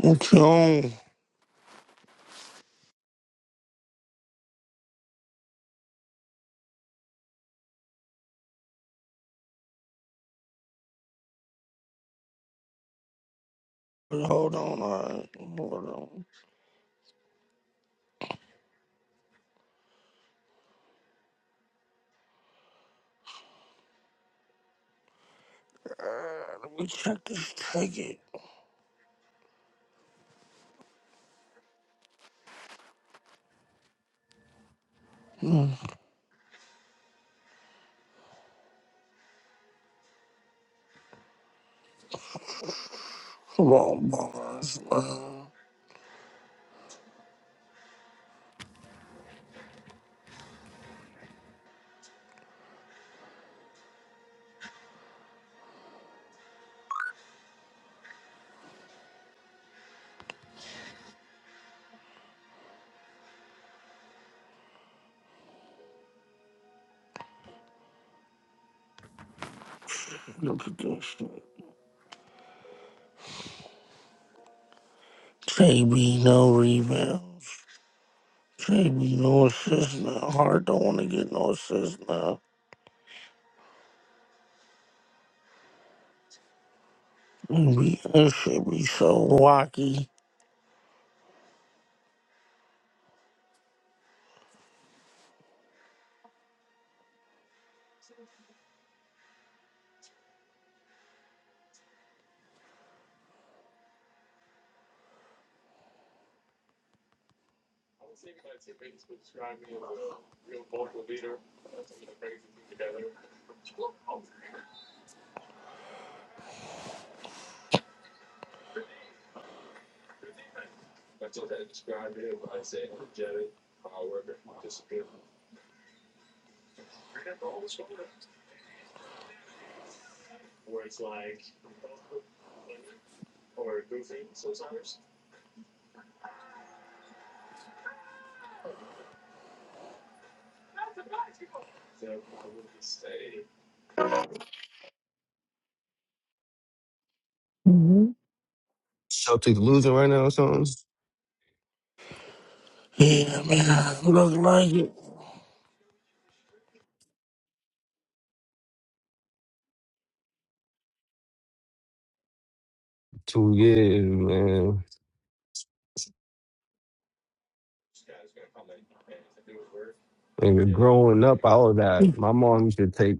What you on? Hold on, alright. Hold on. Uh, let me check this ticket. Come on, boss. Look at this shit. JB, no rebounds. JB, no assists now. Hard don't want to get no assists now. Maybe that should be so wacky. hmm Celtics losing right now or something? Yeah, man. Look like it. Two years, man. And growing up, all of that. My mom used to take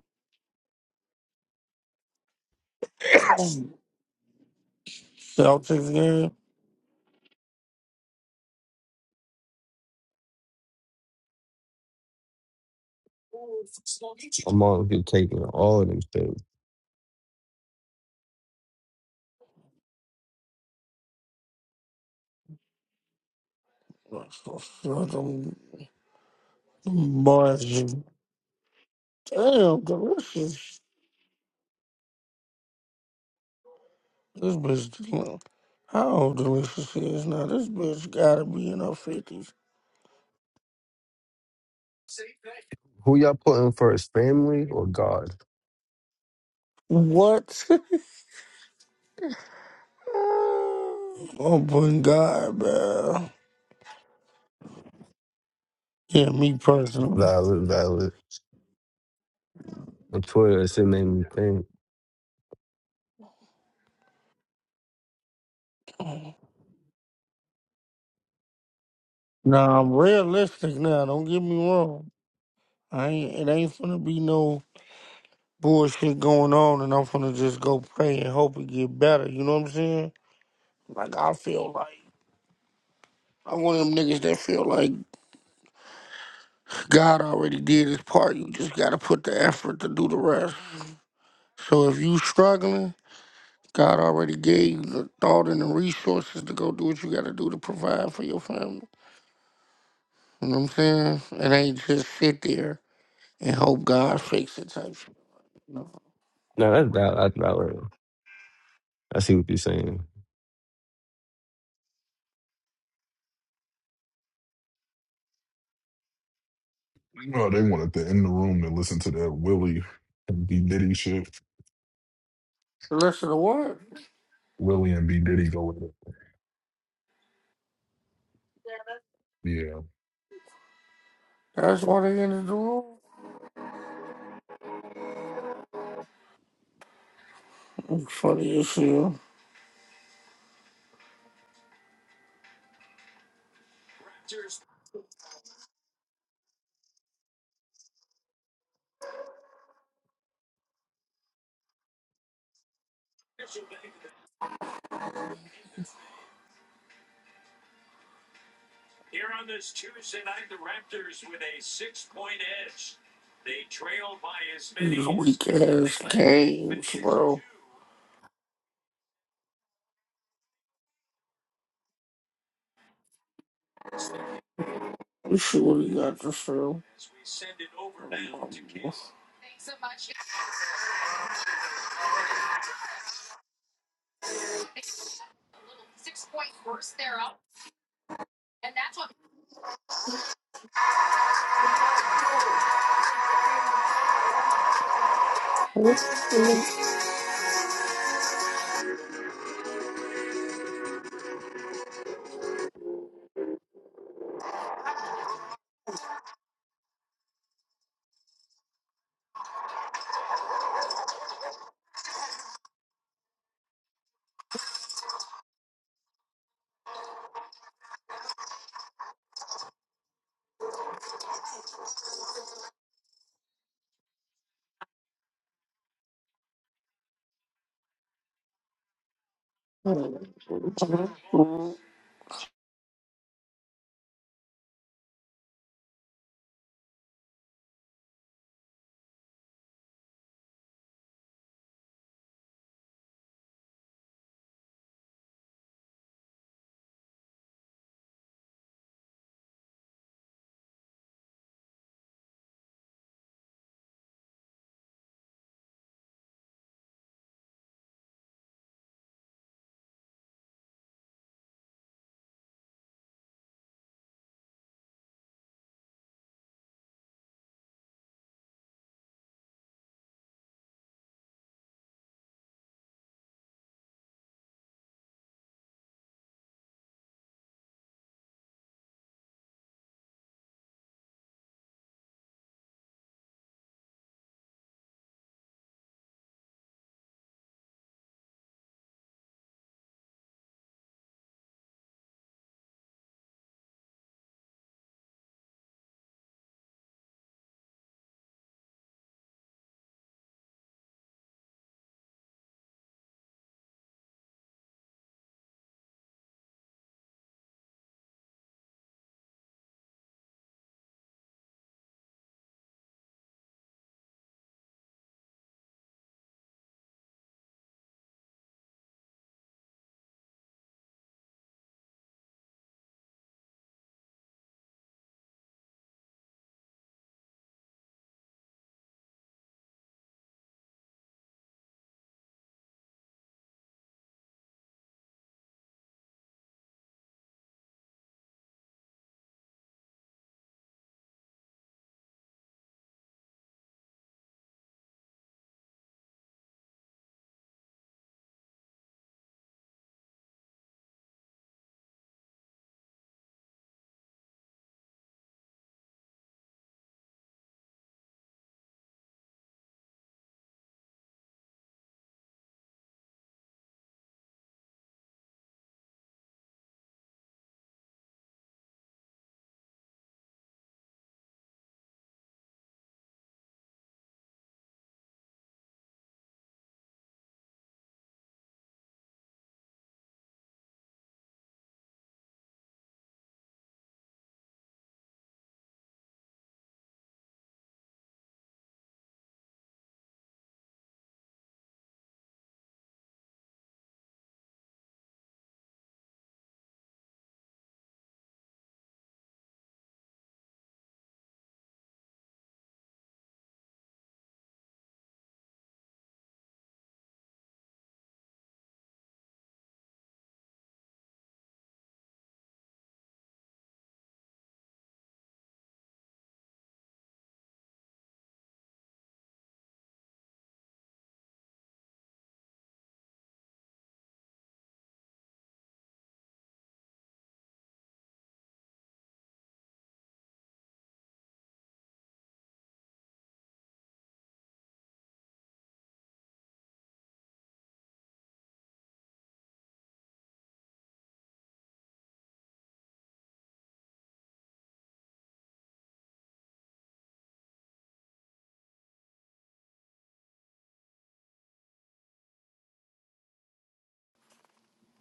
Celtics game. my mom used to take me to all of them things. Let's go, Celtics. Boys, damn, delicious. This bitch, del- how old Delicious is now? This bitch gotta be in her fifties. Who y'all putting first, family or God? What? oh my god, man. Yeah, me personally. Valid, valid. On Twitter, it said made me think. Nah, I'm realistic now. Don't get me wrong. I ain't. It ain't gonna be no bullshit going on, and I'm gonna just go pray and hope it get better. You know what I'm saying? Like I feel like. I'm one of them niggas that feel like God already did his part. You just gotta put the effort to do the rest. So if you struggling, God already gave you the thought and the resources to go do what you got to do to provide for your family. You know what I'm saying? It ain't just sit there and hope God fix it type shit. you No, that's valid. That's valid. I see what you're saying. Oh, they wanted to end the room to listen to that Willie and B Diddy shit. Listen to what? Willie and B Diddy go with it. Yeah. That's why they ended the room. It's funny as hell. These weak ass games, bro. Let's see what he got to show. What the Mm.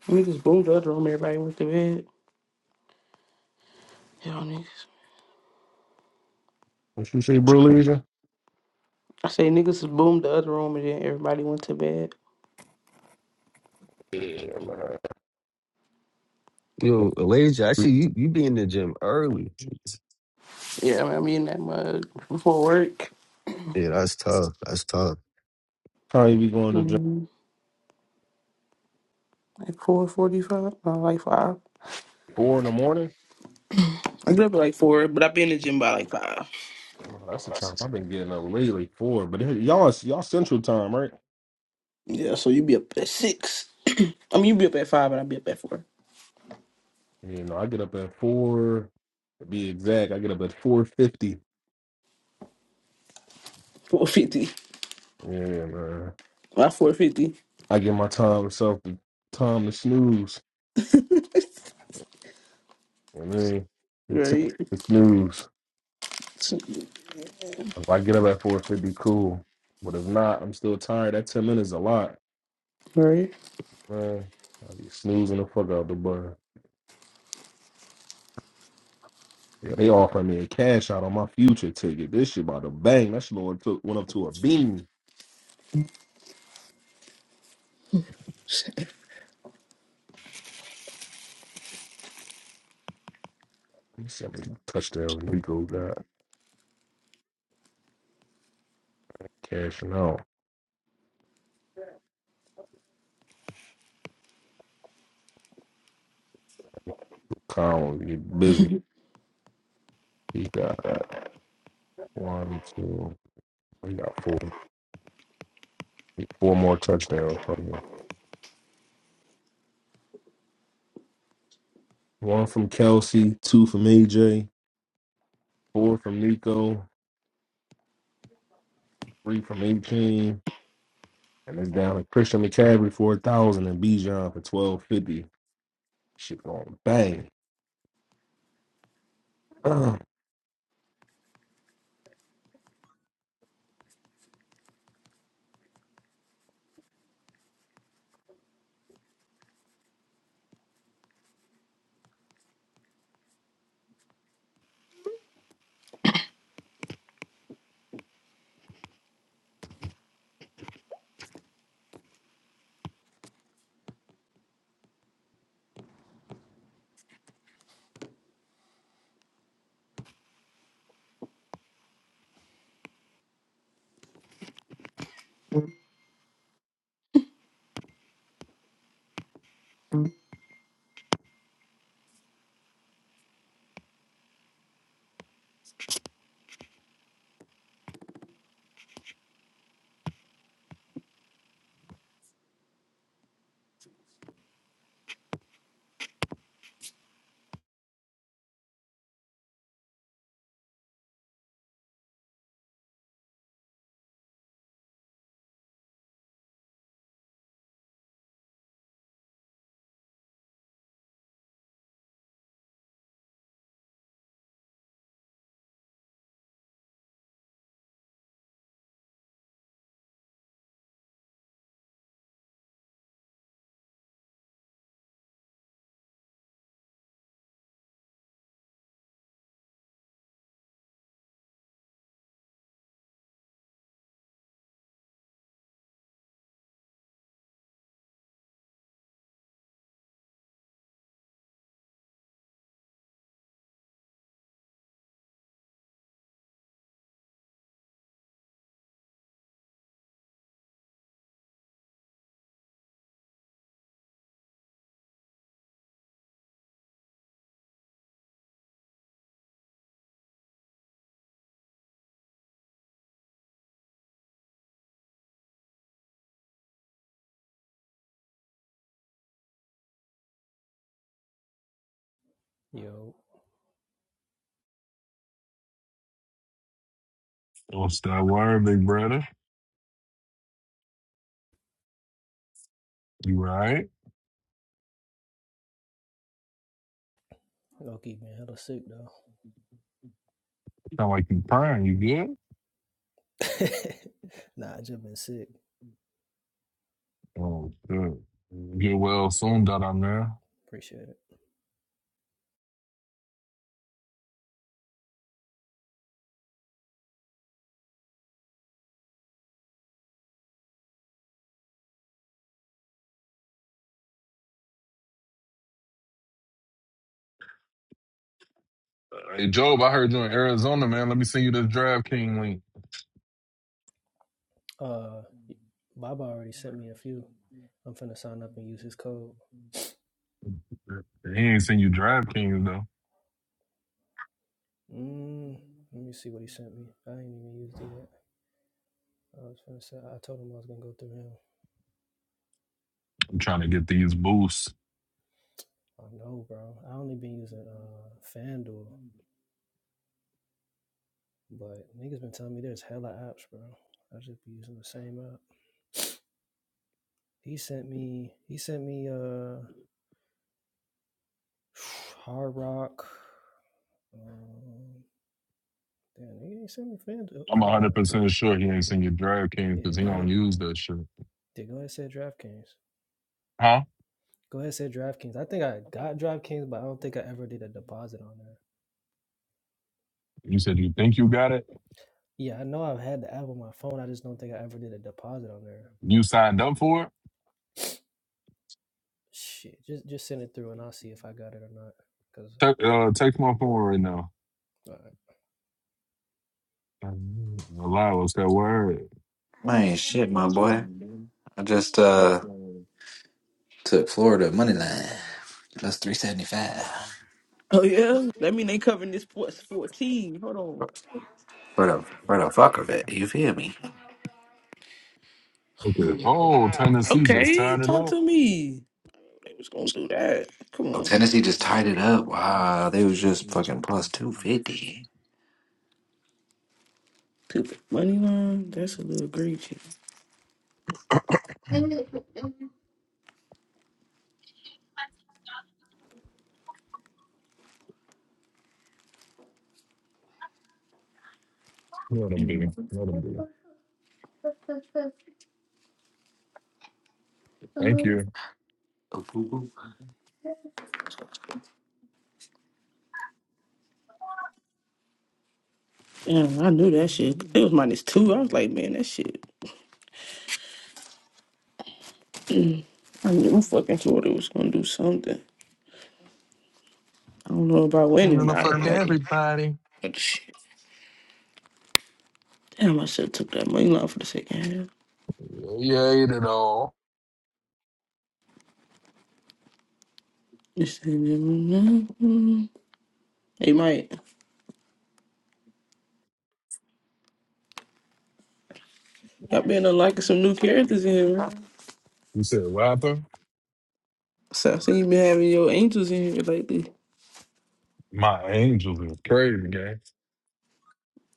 Niggas boomed the other room, everybody went to bed. Y'all niggas. What you say, bro, Leisure? I say niggas boomed the other room and then everybody went to bed. Yo, Elijah, actually, you, you be in the gym early. Yeah, I mean, I'm eating that mug before work. Yeah, that's tough. That's tough. Probably be going to jail Um, like 4.45, uh, like 5. four in the morning. I get up at like 4, but I be in the gym by like 5. No, that's the time I've been getting up lately. Four, but it- y'all, is- y'all Central Time, right? Yeah, so you be up at 6. I mean, you be up at 5, but I be up at 4. You know, I get up at four. To be exact, I get up at four fifty. 4.50. Yeah, man. About 4.50. I give my time myself the time to snooze. You know what I mean, And t- Right. to snooze. If I get up at four fifty, cool. But if not, I'm still tired. That ten minutes is a lot, Right. man. I be snoozing the fuck out the bus. Yeah, they offering me a cash out on my future ticket. This shit about to bang. That shit Lord took went up to a beam. He said, "Man, touchdown, Rico got cashing out. Kyle get busy. He got one, two, we got four, four more touchdowns from him. One from Kelsey, two from AJ, four from Nico, three from 18, and it's down to Christian McCaffrey for a thousand and Bijan for twelve fifty. Shit going bang. Yo, Oh, stop worrying, big brother. You right? low key been hella sick though. Sound like you crying. You good? nah, I just been sick. Oh, good. Get well soon, da da man. Uh, Appreciate it. Hey, Job, I heard you in Arizona, man. Let me send you this DraftKings link. Uh, Baba already sent me a few. I'm finna sign up and use his code. He ain't send you DraftKings though. Mm, let me see what he sent me. I ain't even used it yet. I was finna say I told him I was gonna go through him. I'm trying to get these boosts. I know, bro. I only been using uh FanDuel, but niggas been telling me there's hella apps, bro. I just be using the same app. He sent me. He sent me uh Hard Rock. Um, Damn, they ain't sent me FanDuel. Uh, I'm uh, 100 percent sure he ain't send you DraftKings yeah, because he go don't ahead. use that shit. Yeah, go ahead and say DraftKings. Huh? Go ahead and say DraftKings. I think I got DraftKings, but I don't think I ever did a deposit on there. You said you think you got it. Yeah, I know I've had the app on my phone. I just don't think I ever did a deposit on there. You signed up for it. Shit, just just send it through and I'll see if I got it or not. Cause, Te- uh, text my phone right now. all right. Lie, what's that word? Man, shit, my boy. I just uh took Florida money line plus three seventy five Oh, yeah? That mean they covering this sports 14. Hold on. for the for the fuck of it. You feel me? Okay. Hmm. Oh, Tennessee just Okay, tied it talk up. to me. They was gonna do that. Come Oh, on. Tennessee just tied it up. Wow, they was just fucking plus two fifty. Stupid money line. That's a little greedy. Let them do. it. Let them do. it. Thank you. Damn, I knew that shit. It was minus two. I was like, man, that shit. I knew fucking Florida was gonna do something. I don't know about I'm winning gonna tonight, fuck like, everybody. but shit. Damn, I should have took that money line for the second half. You ate it all. This ain't- Hey, Mike, y'all been unlocking some new characters in here, man. You said rapper? So I see you been having your angels in here lately. My angels is crazy, gang.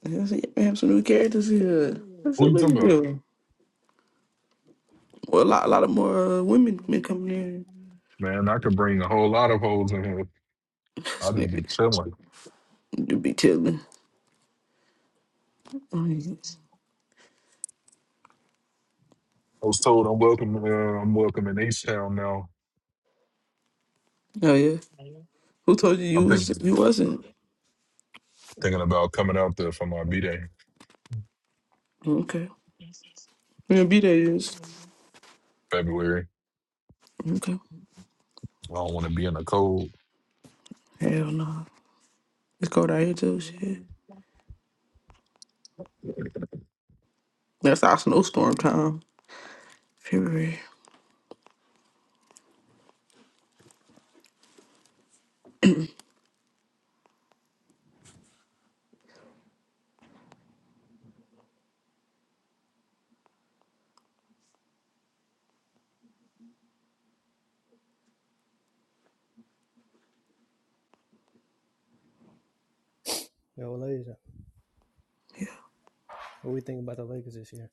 I see you been having some new characters in here. I Who said, you look talking at about? them. Well, a lot, a lot of more uh, women been coming in. Man, I could bring a whole lot of hoes in here. i This just be nigga chilling. to be telling. Oh yes. I was told I'm welcome. Uh, I'm welcome in H Town now. Oh, yeah. Who told you you I'm was thinking you wasn't? thinking about coming out there for my b day Okay. You gonna be there is. February. Okay. I don't want to be in the cold. Hell no. It's cold out here too, shit. That's our snowstorm time. February. yo, ladies, Yeah. what we think about the Lakers this year?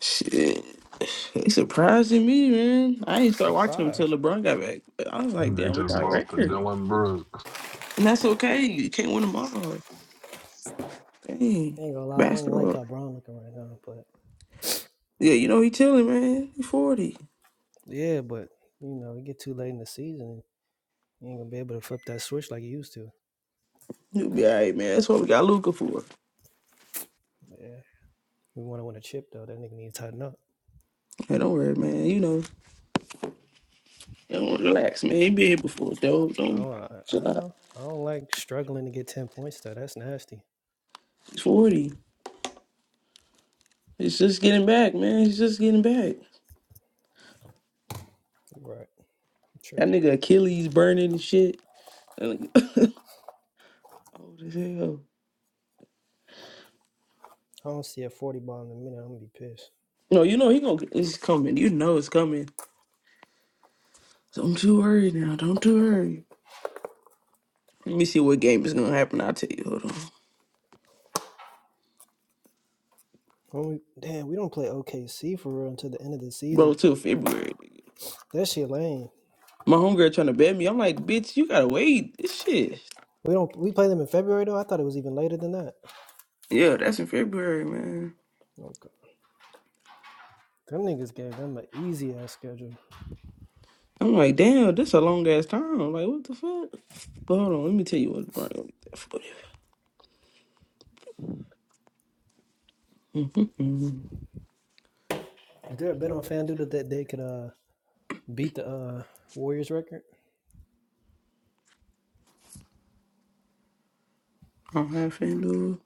Shit. He surprising me, man. I ain't start watching him until Surprise. LeBron got back. I was like, They damn, we just got a lost to record. Dylan Brooks. And that's okay. You can't win them all. I Dang. ain't gonna lie, I don't like Basketball. how Brown looking right now, but Yeah, you know he chilling, man. He 40. yeah, but you know, it get too late in the season, you ain't gonna be able to flip that switch like you used to. He'll be all right, man. That's what we got Luca for. Yeah. We want to win a chip though. That nigga needs to tighten up. Hey, don't worry, man. You know, don't relax, man. He been here before, though. I Don't don't. I, I chill out. know. I don't like struggling to get ten points though. That's nasty. He's 40. It's just getting back, man. He's just getting back. Right. I'm That tripping. nigga Achilles burning and shit. That nigga- Old as hell. I don't see a forty ball in a minute. I'm gonna be pissed. No, you know he gonna get- it's coming. You know it's coming. Don't you worry now. Don't you worry. Let me see what game is gonna happen. I'll tell you. Hold on, Only damn. We don't play OKC for real until the end of the bro. season. Till February. nigga. That shit lame. My homegirl trying to bet me. I'm like, bitch, you gotta wait. This shit. We don't. We play them in February though. I thought it was even later than that. Yeah, that's in February, man. Okay. Them niggas gave them an easy ass schedule. I'm like, damn, this a long ass time. I'm like, what the fuck? But hold on, let me tell you what. Bro, I Is there a bet on FanDuel that that they could uh beat the uh Warriors record? don't have FanDuel.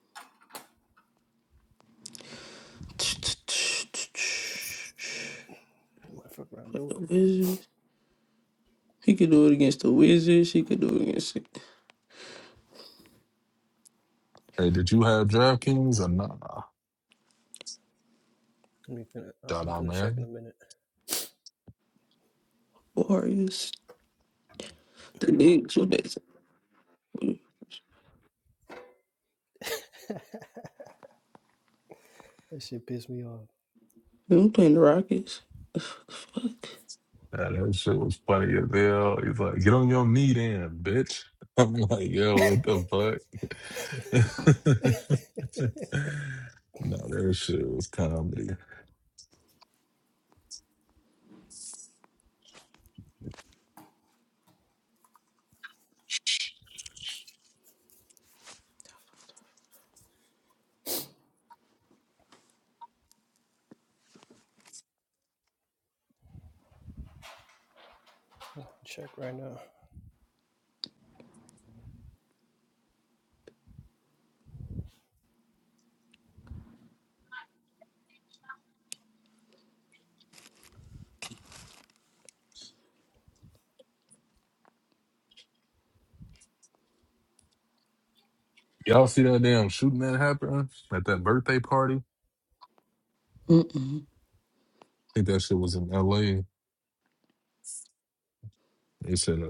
i fuck around, do The it. Wizards. He could do it against the Wizards. He could do it against the Hey, did you have DraftKings or not? Let me finna, uh, Shout I'm out, finna check in man. a minute. Warriors. The Knicks. What they say? that shit pissed me off. I'm playing the Rockets. What The Fuck. Yeah, that shit was funny as hell. He's like, get on your knee then, bitch. I'm like, yo, what the fuck? no, that shit was comedy. Check right now. Y'all see that damn shooting that happened at that birthday party? I Mm mm. think that shit was in LA. They said uh,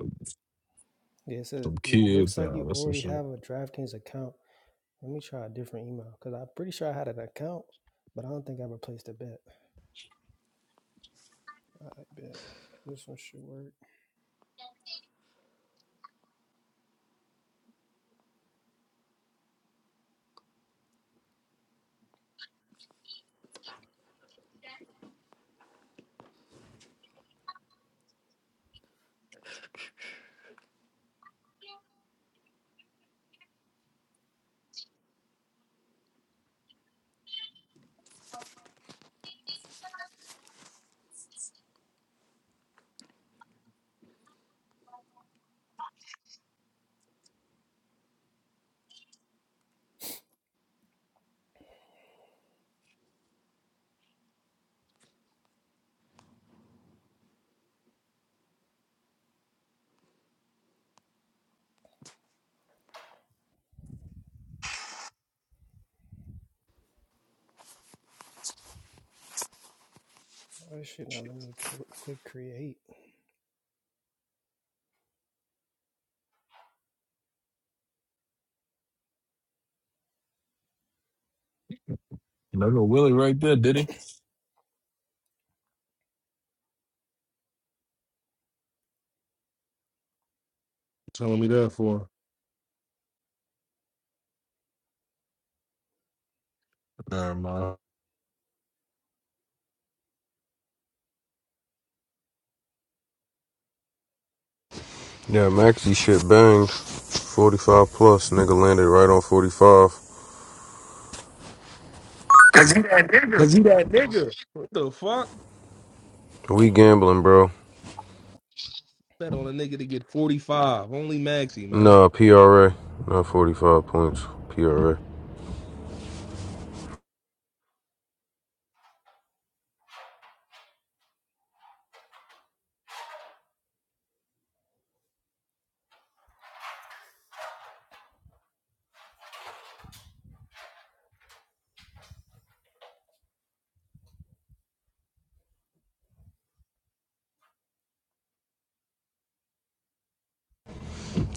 Yeah, it says some you looks kids like you now. That's some already shit. have a DraftKings account. Let me try a different email because I'm pretty sure I had an account, but I don't think I replaced a bet. I bet this one should work. Why should not let me click, click create? There go Hmm. Willie right there, did he? Telling me that for? Never mind. Yeah, Maxie shit banged. 45 plus, nigga landed right on 45. Cause he that nigga. Cause he that nigga. What the fuck? We gambling, bro. Bet on a nigga to get forty five. Only Maxie, man. Nah, PRA. Not 45 points. PRA.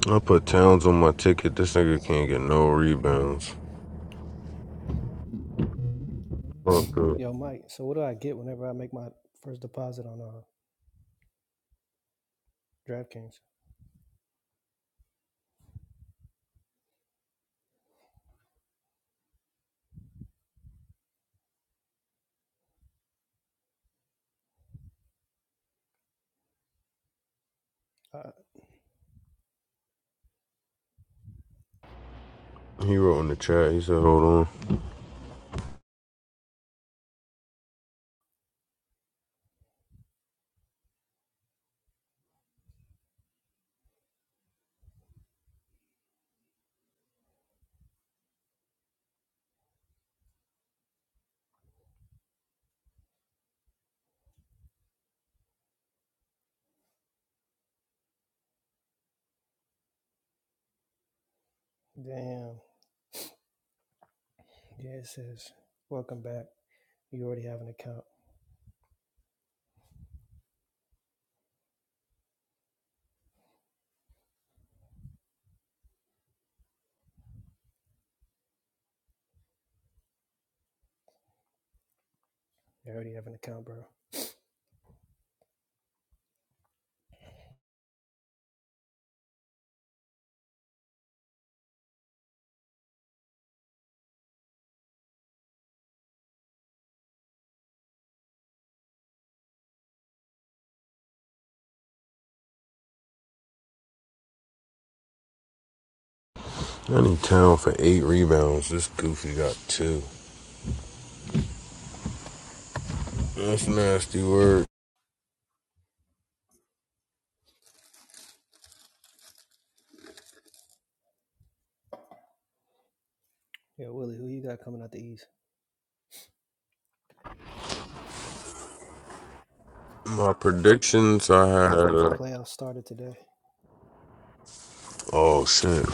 I put Towns on my ticket. This nigga can't get no rebounds. Fuck up. Yo, Mike. So what do I get whenever I make my first deposit on uh, DraftKings? Uh, He wrote in the chat. He said, hold on. damn. Yeah, it says welcome back. You already have an account. You already have an account, bro. I need Towns for eight rebounds. This goofy got two. That's nasty word. Yeah, Willie, who you got coming out the east? My predictions, I had. if the a... playoffs started today. Oh, shit.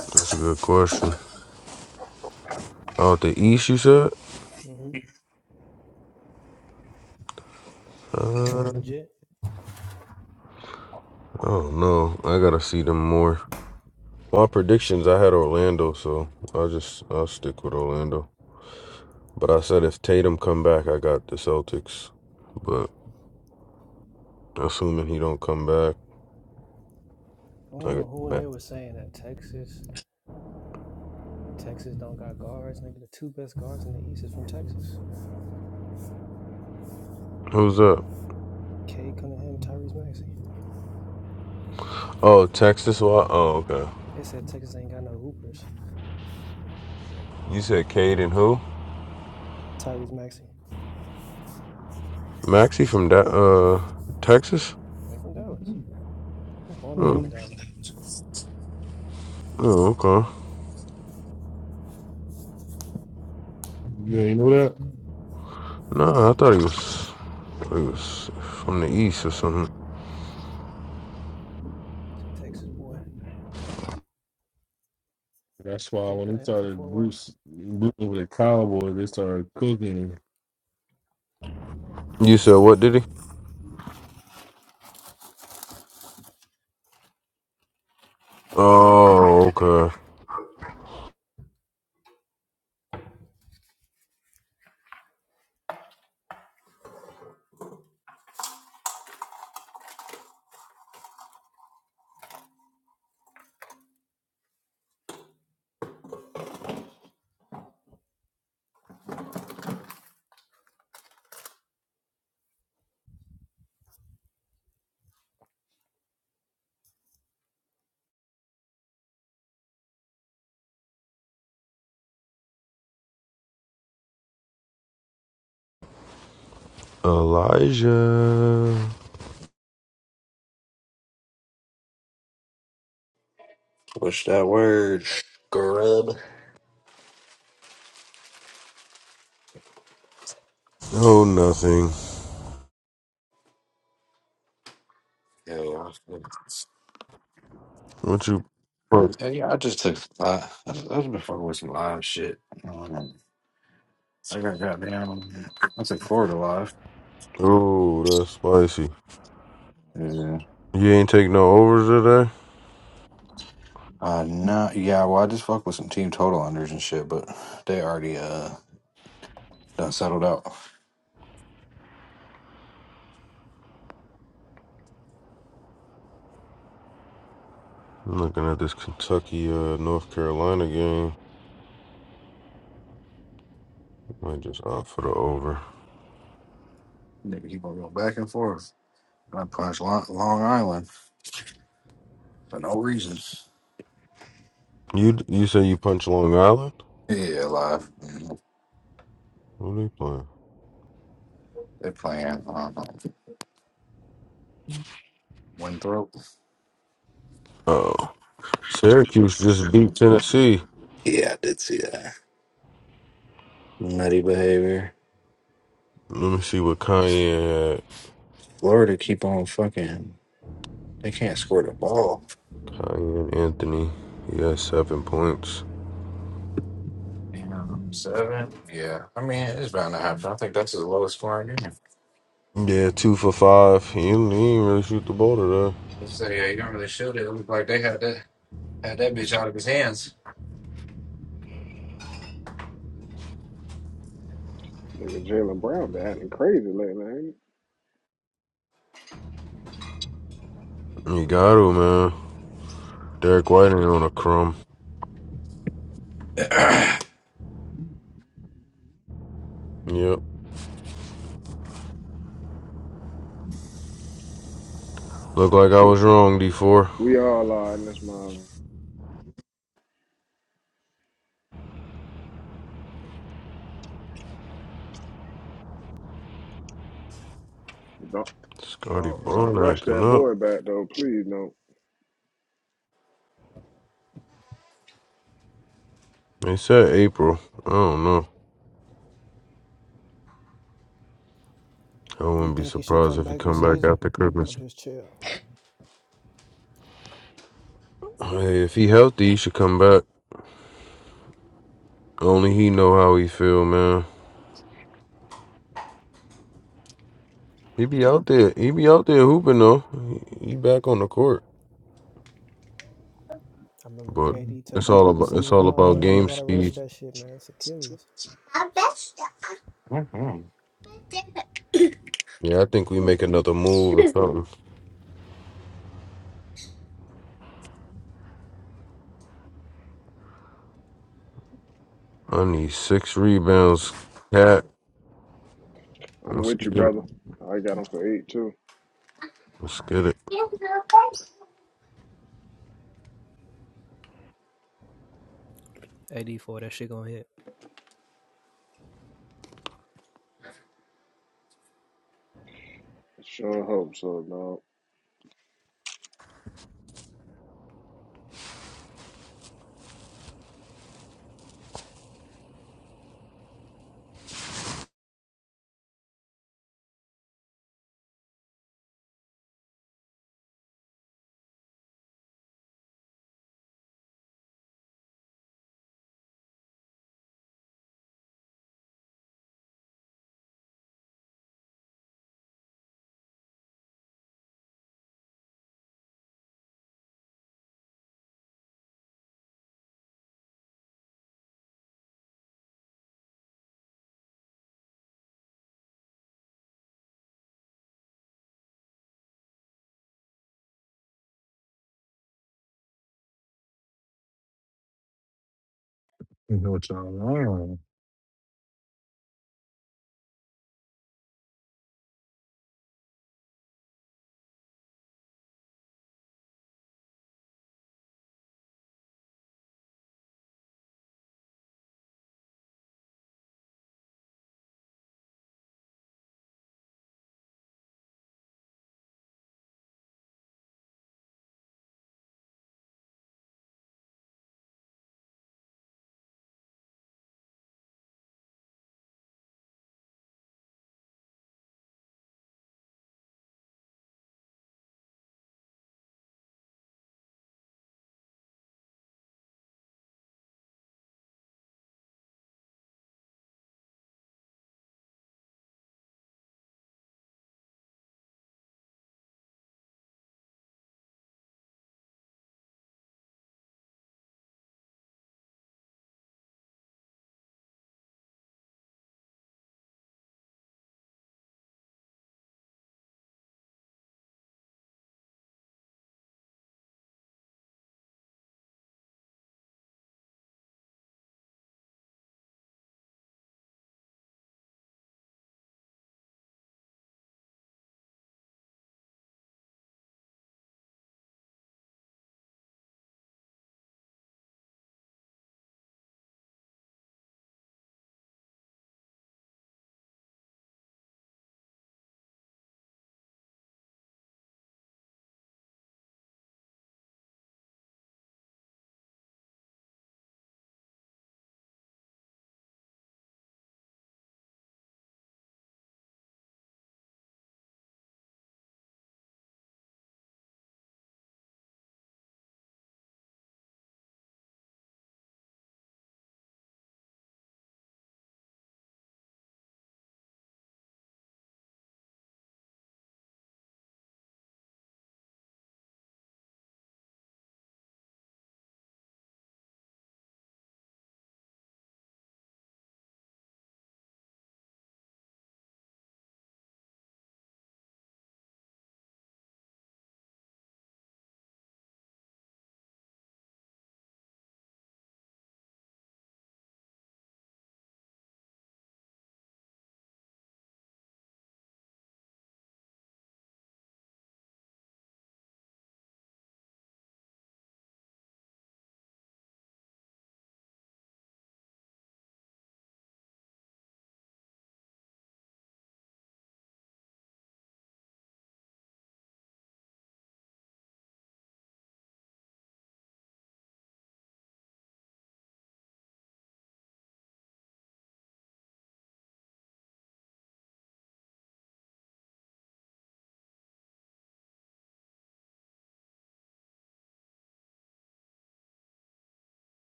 That's a good question. Out the East, you said? hmm I think Uh, Detroit legit. I don't know. I gotta see them more. My predictions, I had Orlando, so I'll just I'll stick with Orlando. But I said if Tatum come back, I got the Celtics. But assuming he don't come back, I don't I know got who in back. here was saying that Texas, Texas don't got guards. Nigga, the two best guards in the East is from Texas. Who's up? K Cunningham, Tyrese Maxey. Oh, Texas. Wa- Oh, okay. They said Texas ain't got no hoopers. You said Cade and who? Tyrese Maxey, Maxie from that uh Texas. they from Dallas. He was born and raised in Dallas. Oh, okay. You ain't know that? No, I thought he was he was from the east or something. He's a Texas boy. That's why K when he Cunningham from started Fort Worth. Bruce, Bruce with the Cowboys, they started cooking. You said what? Did he? Oh, okay. Elijah. Push that word, scrub. Oh, nothing. Yeah, yeah. I feel it. What you? Yeah, yeah, I just took. Uh, I just, I've been fucking with some live shit. Um, I got got down. I took Florida live. Oh, that's spicy. You ain't take no overs today. Uh, no, yeah, well, I just fuck with some team total unders and shit, but they already uh done settled out. I'm looking at this Kentucky, uh, North Carolina game. Might just opt for the over. Nigga keep on going back and forth. And I punch Long, Long Island for no reason. You you say you punch Long Island? Yeah, live. Mhm. What are they playing? They're playing um, Winthrop. Oh, Syracuse just beat Tennessee. Yeah, I did see that. Nutty behavior. Let me see what Kanye had. Florida keep on fucking. They can't score the ball. Kanye and Anthony. He had seven points. Damn, seven. Yeah, I mean it's bound to happen. I think that's the lowest scoring game. Yeah, two for five. He didn't, he didn't really shoot the ball today. Let's say yeah, you don't really shoot it. It looked like they had that had that bitch out of his hands. Nigga, Jalen Brown been acting crazy lately. Ain't he? You got to, man. Derek White ain't on a crumb. Yep. Look like I was wrong, D4. We all are in this mom. Don't Scotty don't don't Brown rush acting that up. boy back though. Please No, They said April. I don't know. I You wouldn't be think he should surprised come if he back this come back season after or Christmas. just chill? Hey, if he healthy, he should come back. Only he know how he feel, man. He be out there. He be out there hooping though. He, he back on the court, I remember but KD took it's a all whole about it's season all off, about bro. You ain't game gotta rush speed. that shit, man. It's Achilles. Mhm. Yeah, I think we make another move or something. I need six rebounds, cat. I'm Let's with you, get it. brother. I got him for eight too. Let's get it. AD four, that shit gonna hit. It Sure hope so, dog. You know what y'all wrong.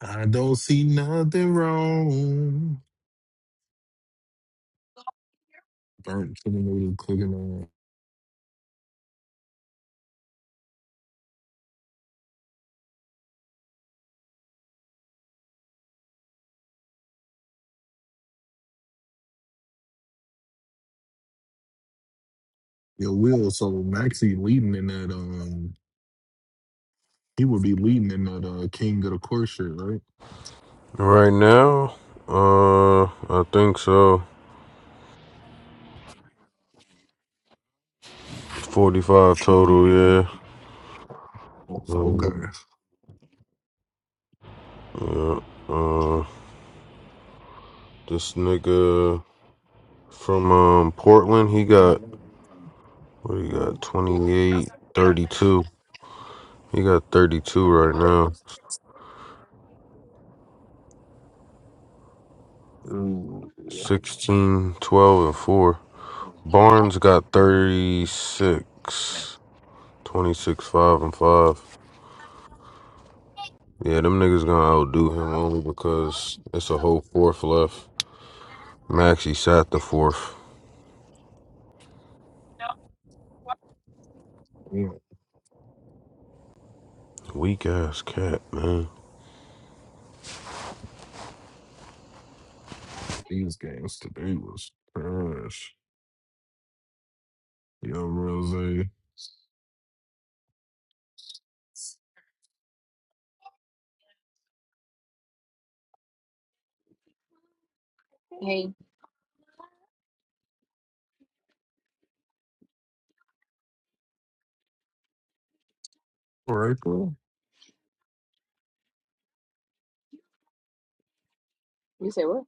I don't see nothing wrong. Burnt chicken noodle cooking on. Yeah, Will. So Maxie leading in that. Um, he would be leading in that uh, King of the Court shirt, right? Right now, uh, I think so. 45 total, yeah. Oh, okay. yeah. Uh, this nigga from um, Portland, he got, what he got, 28, 32. He got 32 right now. Ooh, 16, 12, and 4. Barnes got 36, 26, 5, and 5. Yeah, them niggas gonna outdo him only because it's a whole fourth left. Maxie sat the fourth. yeah, Weak ass cat, man. these games today was trash. Yo, Rose, Hey, Rachel, you said what?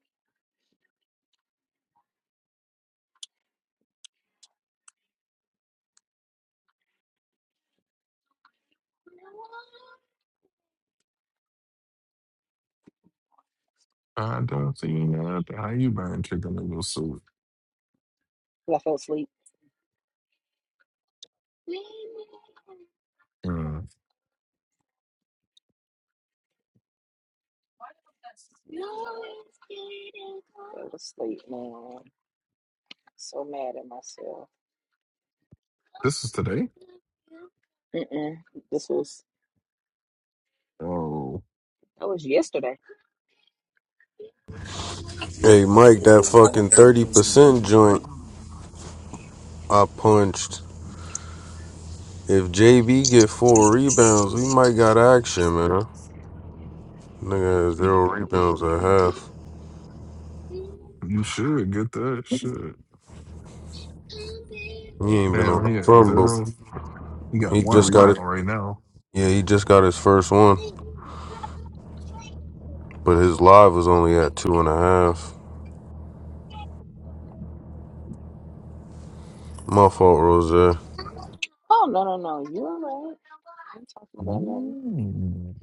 I don't see that. How you buying chicken in your suit? 'Cause I fell asleep. Uh, fell asleep, man. So mad at myself. this is today. Mm-mm. This was Oh, that was yesterday. Hey Mike, that fucking thirty percent joint I punched. If JB get four rebounds, we might got action, man. Nigga has you, zero rebounds at half. you should get that shit. He ain't been on Damn, the he at front, but zero. He got he one just got rebound it. right now. Yeah, he just got his first one, but his live was only at two and a half. My fault, Rose. Oh no no no, you all right? I ain't talking about nothing. Mm,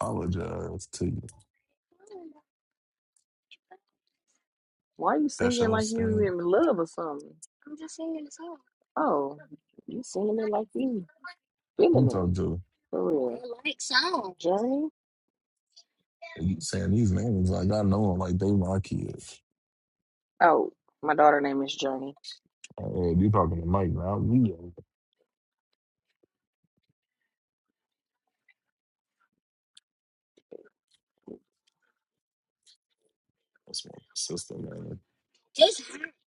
apologize to you. Why you That's singing your like you thing. in love or something? Oh, you singing it like you Who you feeling it talking to? for real. Journey. And You saying these names like I know them like they my kids. Oh, my daughter name is Journey. Oh, yeah, you talking to Mike now? We that's my sister, man.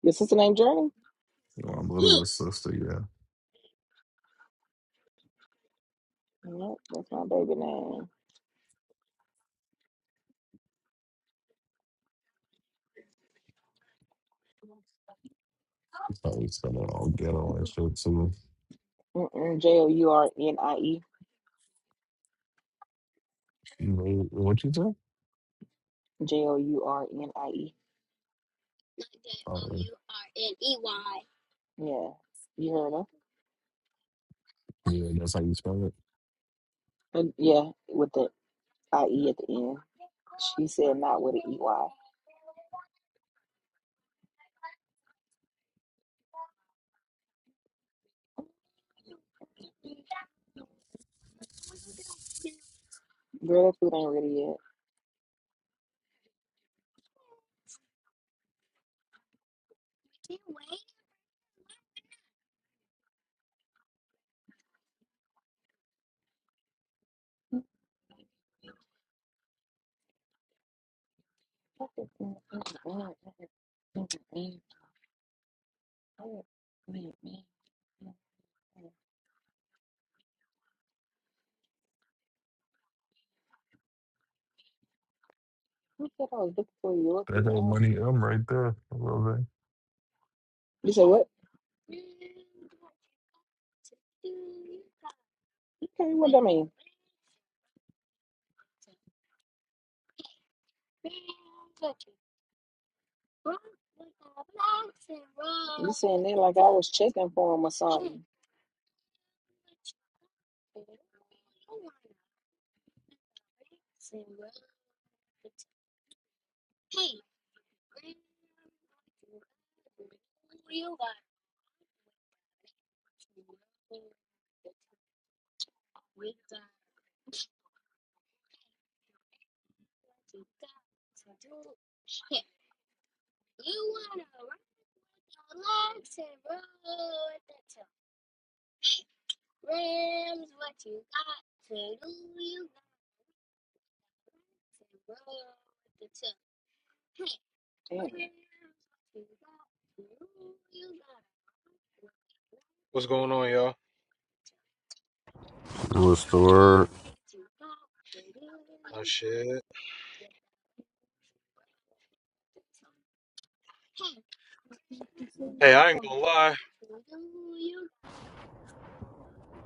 Your sister name Journey? You know, I'm little with sister, yeah. Nope, that's my baby name. She's probably spell it all ghetto and shit too. Mm-mm. J o u r n i e. You know what you do? J o u r n i e. Oh, yeah, Yeah, you heard her. Yeah, that's how you spell it. And yeah, with the IE at the end. She said not with an EY. Girl, that food ain't ready yet. Who said I was looking for Yorkie? I That old don't- money M right there. I love You said what? Okay, what that mean? You saying they like I was checking for him or something. Damn. What's going on, y'all? What's the word? Oh shit. Hey, I ain't gonna lie.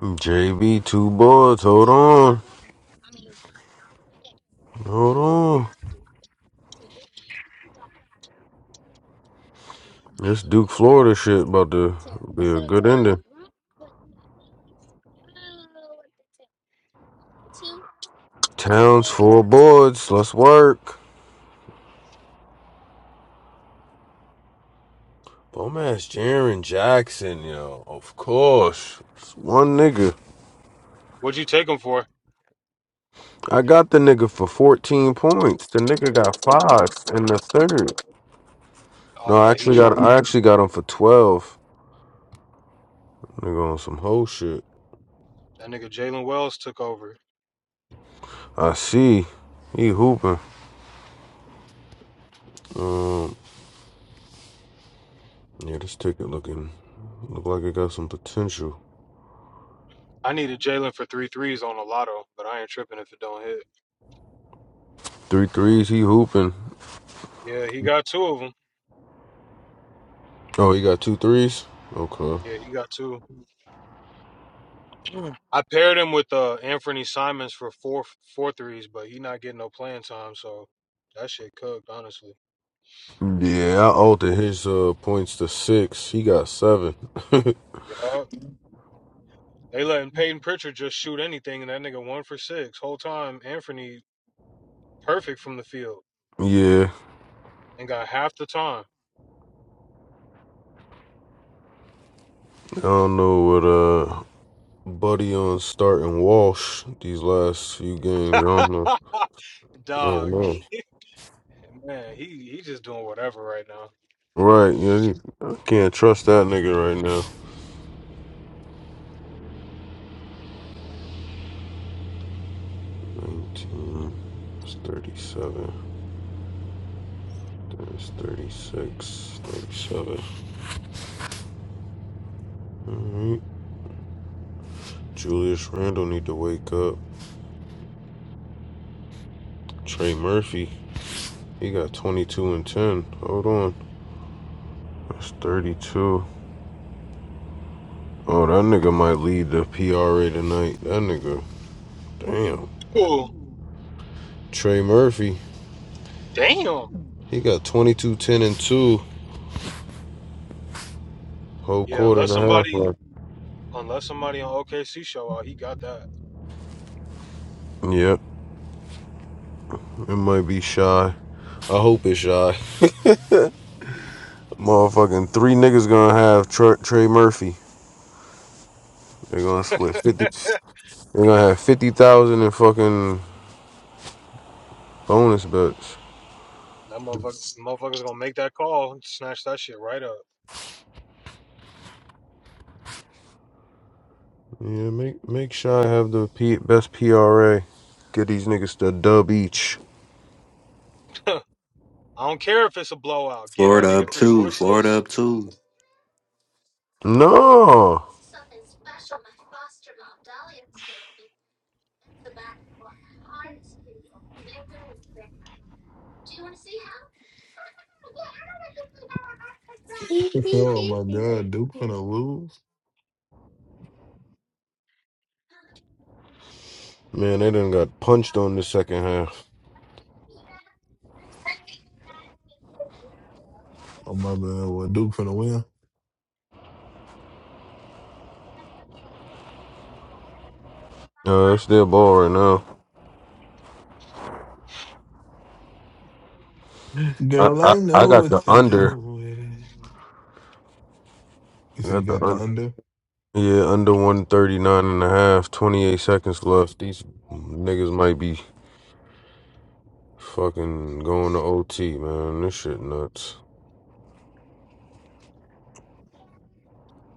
JB, two boards. Hold on, hold on. This Duke Florida shit about to be a good ending. Towns full boards. Let's work. Bum ass Jaron Jackson, yo. Of course. It's one nigga. What'd you take him for? I got the nigga for 14 points. The nigga got five in the third. Oh No, I yeah, he actually got tripped. I actually got him for 12. Nigga on some whole shit. That nigga Jalen Wells took over. I see. He hooping. Yeah, this ticket looking look like it got some potential. I needed Jalen for three threes on the lotto, but I ain't tripping if it don't hit. Three threes, he hooping. Yeah, he got two of them. Oh, he got two threes? Okay. Yeah, he got two. I paired him with uh Anthony Simons for four four threes, but he not getting no playing time, so that shit cooked, honestly. Yeah, I altered his uh, points to six. He got seven. Yup. They letting Peyton Pritchard just shoot anything, and that nigga one for six. Whole time, Anthony perfect from the field yeah, and got half the time. I don't know what uh Buddy on starting Walsh these last few games. I don't know. I don't Dog, know. man, he he just doing whatever right now. Right, yeah, I can't trust that nigga right now. 19, it's 37, there's 36, 37. All right. Julius Randle need to wake up. Trey Murphy, he got 22 and 10. Hold on. That's 32. Oh, that nigga might lead the PRA tonight. That nigga, damn. Oh, Trey Murphy, damn. he got 22, 10, and 2, whole Yeah, quarter and unless a half somebody, left. unless somebody on OKC show out, he got that. Yep, it might be shy. I hope it's shy. Motherfucking three niggas gonna have Tre- Trey Murphy. They're gonna split 50. that They're gonna have 50,000 in fucking bonus bets. motherfucker, motherfucker's gonna make that call and snatch that shit right up. Yeah, make make shy have the P- best PRA. Get these niggas to dub each. I don't care if it's a blowout. Get that Florida up nigga three more two. Florida assists. up two. No! that. oh my God, Duke finna lose. Man, they done got punched on the second half. Oh my God, what Duke finna win? Uh, it's their ball right now. I, Girl, I, I I know got what the to do under. with it. You I said you got the got the under. under? Yeah, under 139 28 seconds left. These niggas might be fucking going to OT, man. This shit nuts.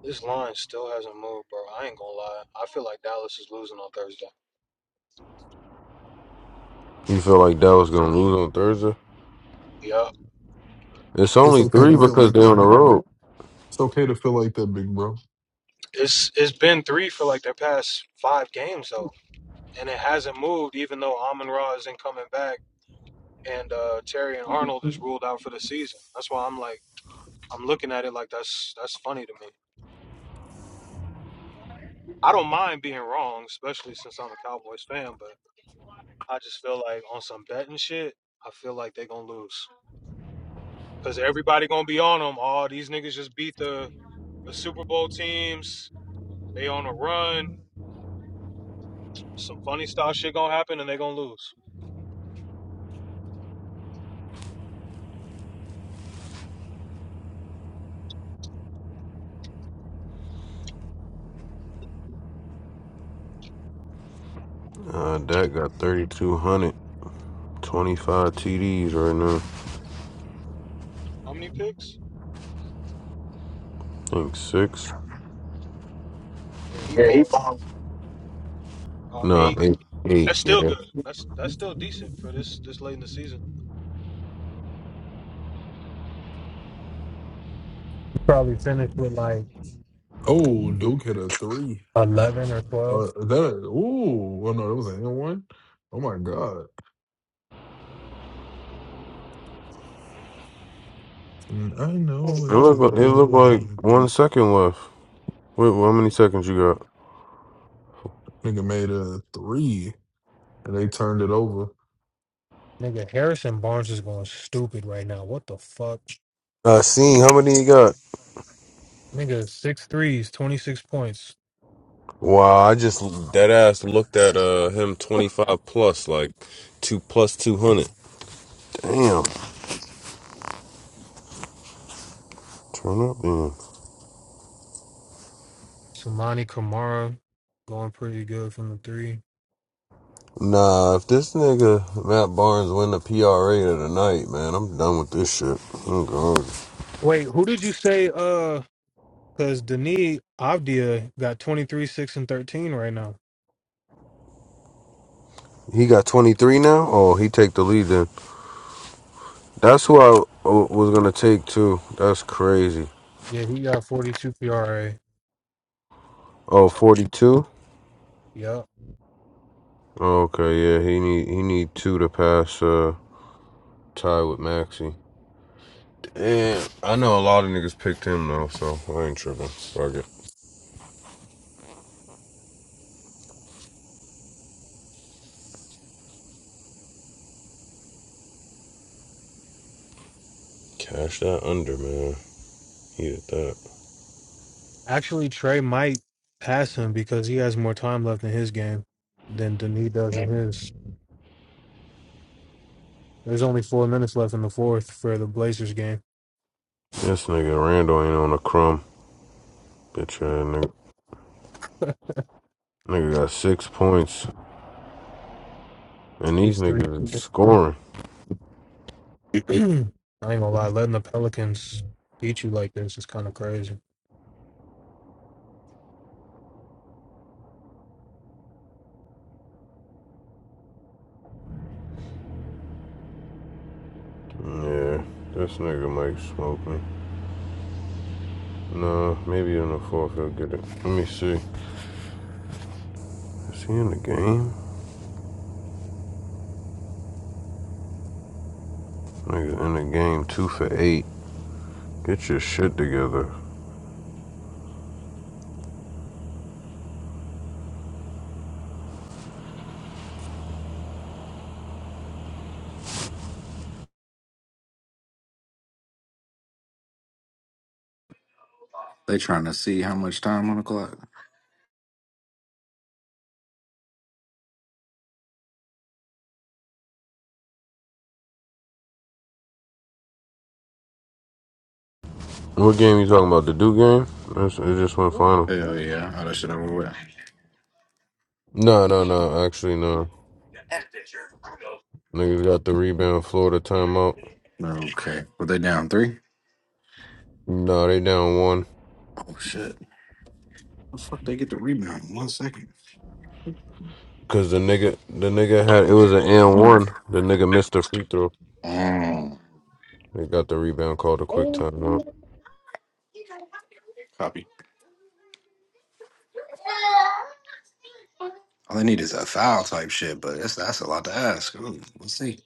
This line still hasn't moved, bro. I ain't gonna lie. I feel like Dallas is losing on Thursday. You feel like Dallas gonna lose on Thursday? Yeah, It's It's only okay three to feel because like they on that, the big. road. It's okay to feel like that, big bro. it's it's been three for like their past five games though, and it hasn't moved. Even though Amon Ra isn't coming back and uh, Terry and Arnold is ruled out for the season. That's why I'm like, I'm looking at it like that's that's funny to me. I don't mind being wrong, especially since I'm a Cowboys fan, but I just feel like on some betting shit, I feel like they're gonna lose because everybody gonna be on them. All these niggas just beat the the Super Bowl teams. They on a run. Some funny style shit gonna happen, and they are gonna lose. Uh, Dak got thirty-two hundred twenty-five 25 TDs right now. How many picks? I think six. Yeah, he Yeah, he balled ballin'. uh, No, eight. eight. Eight, That's still yeah. good. That's that's still decent for this this late in the season. Probably finished with like Oh, Duke hit a three. 11 or Uh, 12. is that a, ooh, well, no, that was an and one. Oh my god! And I know It what look to like, it look do. like one second left. Wait, how many seconds you got? Nigga made a three, and they turned it over. Nigga, Harrison Barnes is going stupid right now. What the fuck? I seen how many you got. Nigga, six threes, 26 points. Wow, I just dead ass looked at uh him twenty five plus like two plus two hundred. Damn, turn up then. Samani Kamara going pretty good from the three. Nah, if this nigga Matt Barnes win the PRA of the night, man, I'm done with this shit. I'm gone. Wait, who did you say? Uh, because Denis Avdia got 23, 6, and 13 right now. He got twenty three now. Oh, he take the lead then. That's who I uh, was gonna take too. That's crazy. Yeah, he got 42 PRA. Oh, 42. Yeah. Okay, yeah, he need he need two to pass uh tie with Maxi. Damn, I know a lot of niggas picked him though, so I ain't tripping. Fuck it. Cash that under, man. He did Actually, Trey might pass him because he has more time left in his game than Denis does in that. his. There's only four minutes left in the fourth for the Blazers game. This nigga Randall ain't on a crumb. Bitch ass nigga. Nigga got six points, and these 6 3. niggas is scoring. I ain't gonna lie, letting the Pelicans beat you like this is kind of crazy. Yeah, this nigga might smoke me. Nah, maybe in the fourth he'll get it. Let me see. Is he in the game? Nigga in the game two for eight. Get your shit together. They trying to see how much time on the clock. What game you talking about? The Duke game? That's, it just went final. Hell yeah. Oh, that shit over with. No, no, no. Actually, no. Niggas got the rebound. Florida timeout. Okay. Well, they down three? No, they down one. Oh, shit. The fuck they get the rebound in one second? Cause the nigga, the nigga had it was an and one. The nigga missed the free throw. Mm, They got the rebound. Called a quick timeout. copy. All they need is a foul type shit, but that's, that's a lot to ask. Ooh, let's see.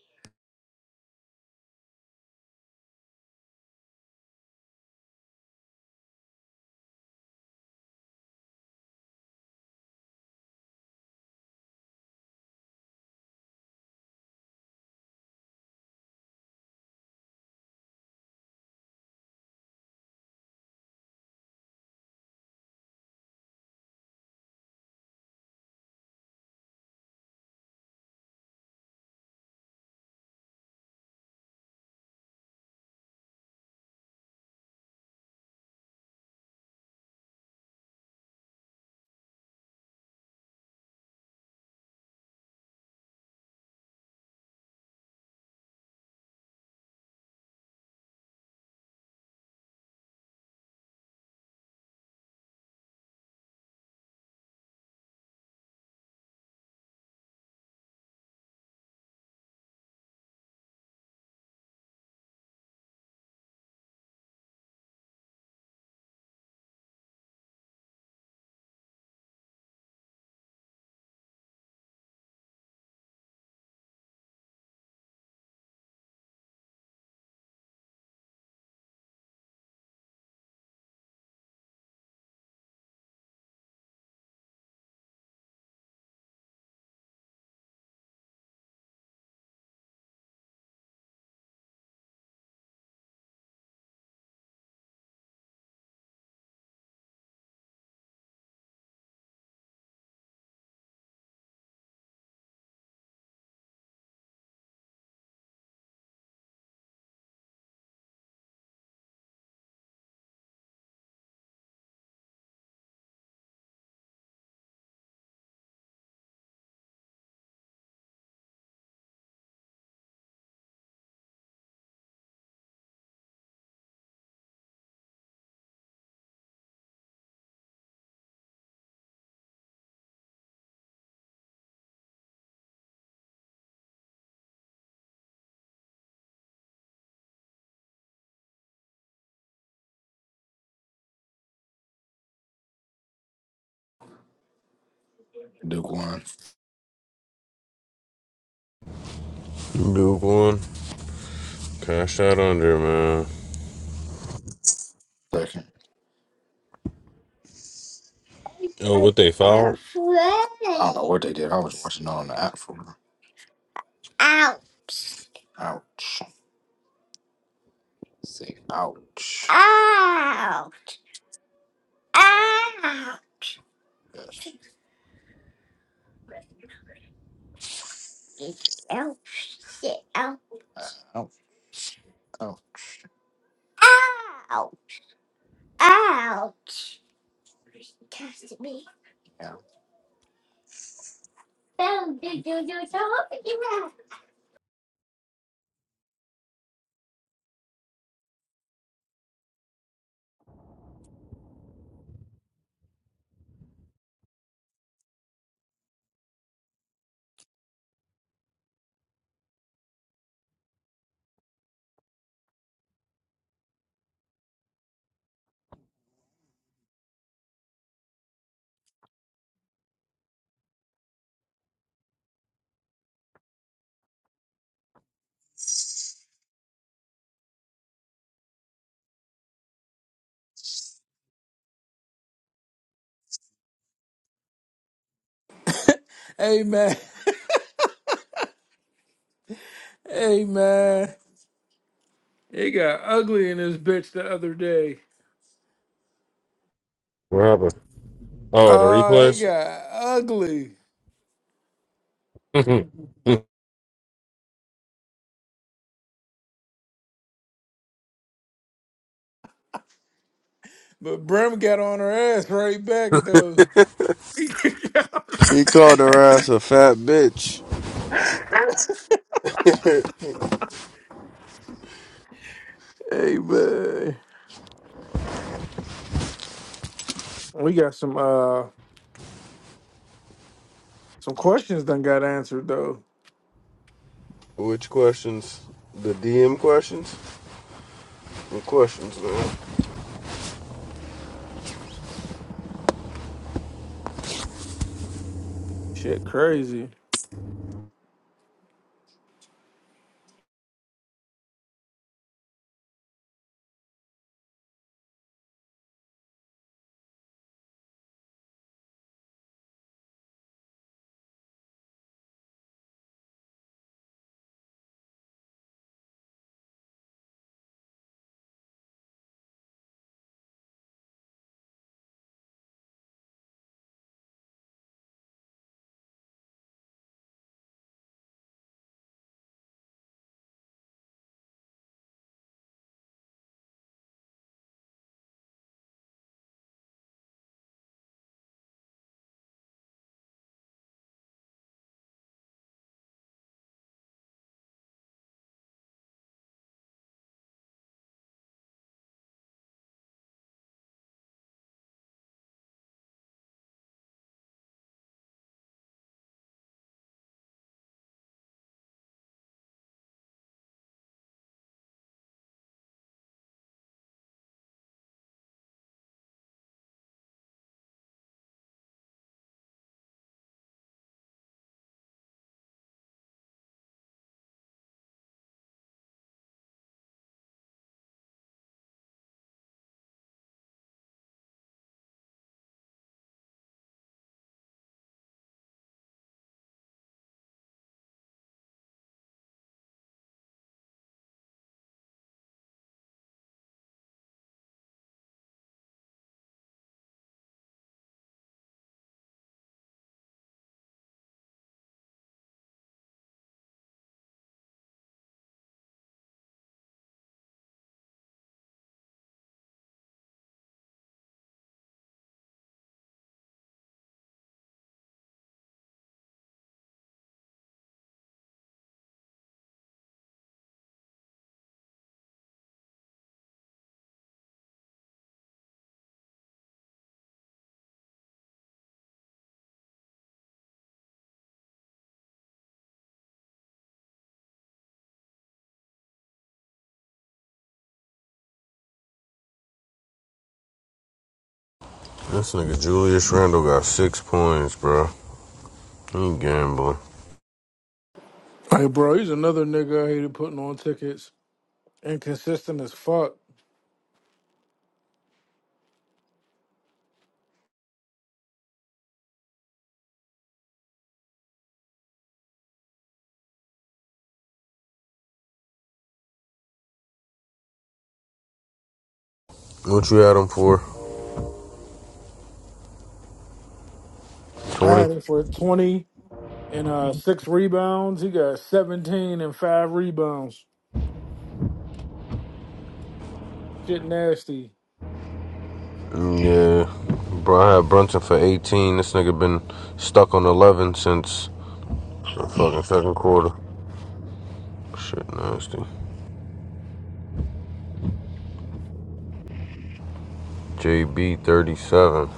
Duke won. Duke one. Cash out under man. Second. Oh, what they fouled? I don't know what they did. I was watching it on the app for real. Ouch. Say ouch. Ouch! Yes. Ouch! ouch. Yeah. Amen. Amen. It got ugly in this bitch the other day. What happened? Oh, the Oh, it replays. got ugly. he But Brim got on her ass right back though. hey called her ass a fat bitch. man. We got some uh some questions done got answered though. Which questions? The DM questions? The questions, man. Shit crazy. This nigga Julius Randle got six points, bro. He gambling. Hey bro, he's another nigga I hated putting on tickets. Inconsistent as fuck. What you had him for? I 20? had him for twenty and uh six rebounds. He got seventeen and five rebounds. Shit nasty. Yeah. Bro, I had Brunson for 18. This nigga been stuck on 11 since the fucking second quarter. Shit nasty. JB 37.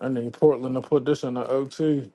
I need Portland to put this in the OT.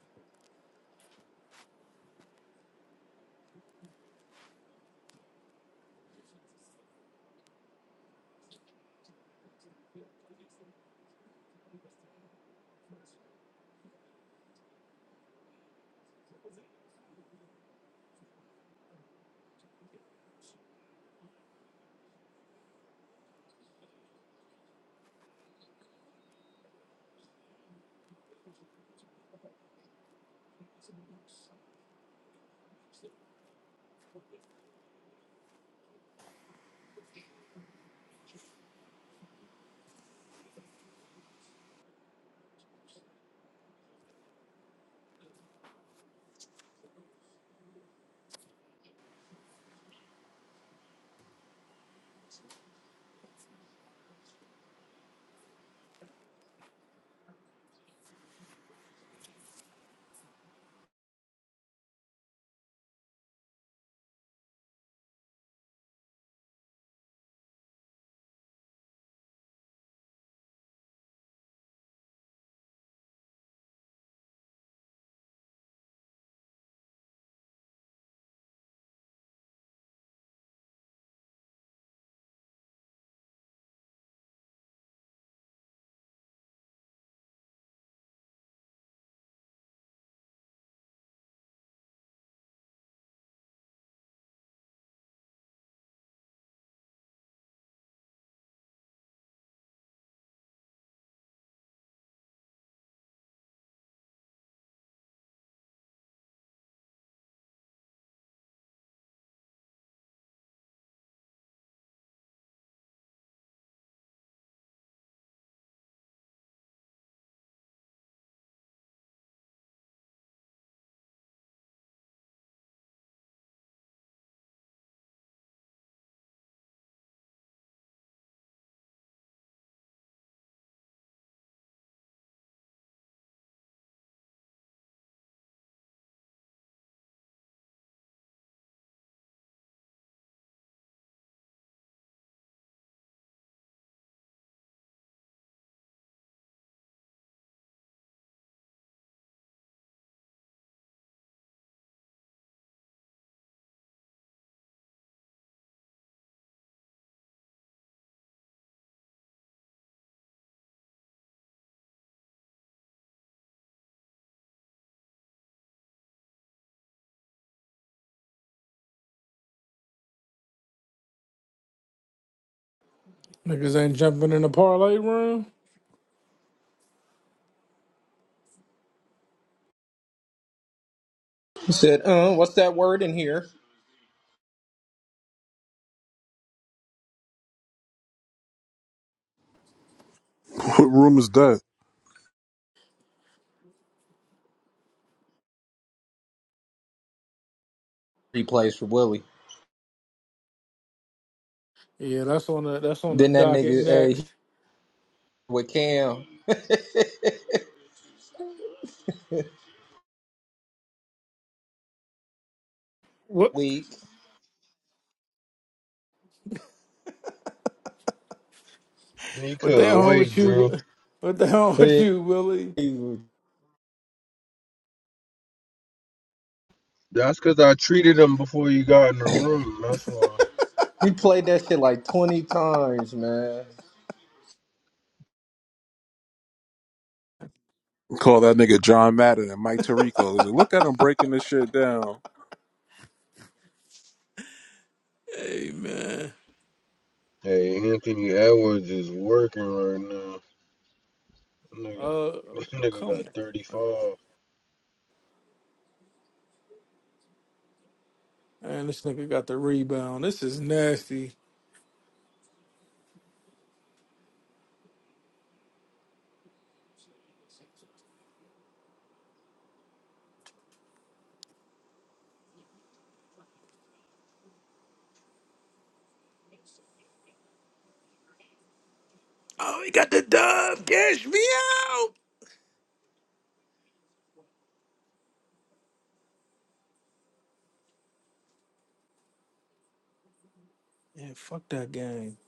Niggas ain't jumping in the parlay room. He said, uh, what's that word in here? What room is that? Replays for Willie. Yeah, that's on the that's on the Then that docket nigga hey, he next. with Cam What weak. He what the couldn't hell with wait, Drew. you? What the hell with Hey, you, Willie? He That's because I treated him before you got in the room. That's why. played that shit like 20 times, man. Call that nigga John Madden and Mike Tirico. Like, look at him breaking this shit down. Hey man, Hey, Anthony Edwards is working right now. Nigga, uh, nigga got come on, 35. man. This nigga got the rebound. This is nasty. Oh, he got the dub. Cash me out. Yeah, fuck that game.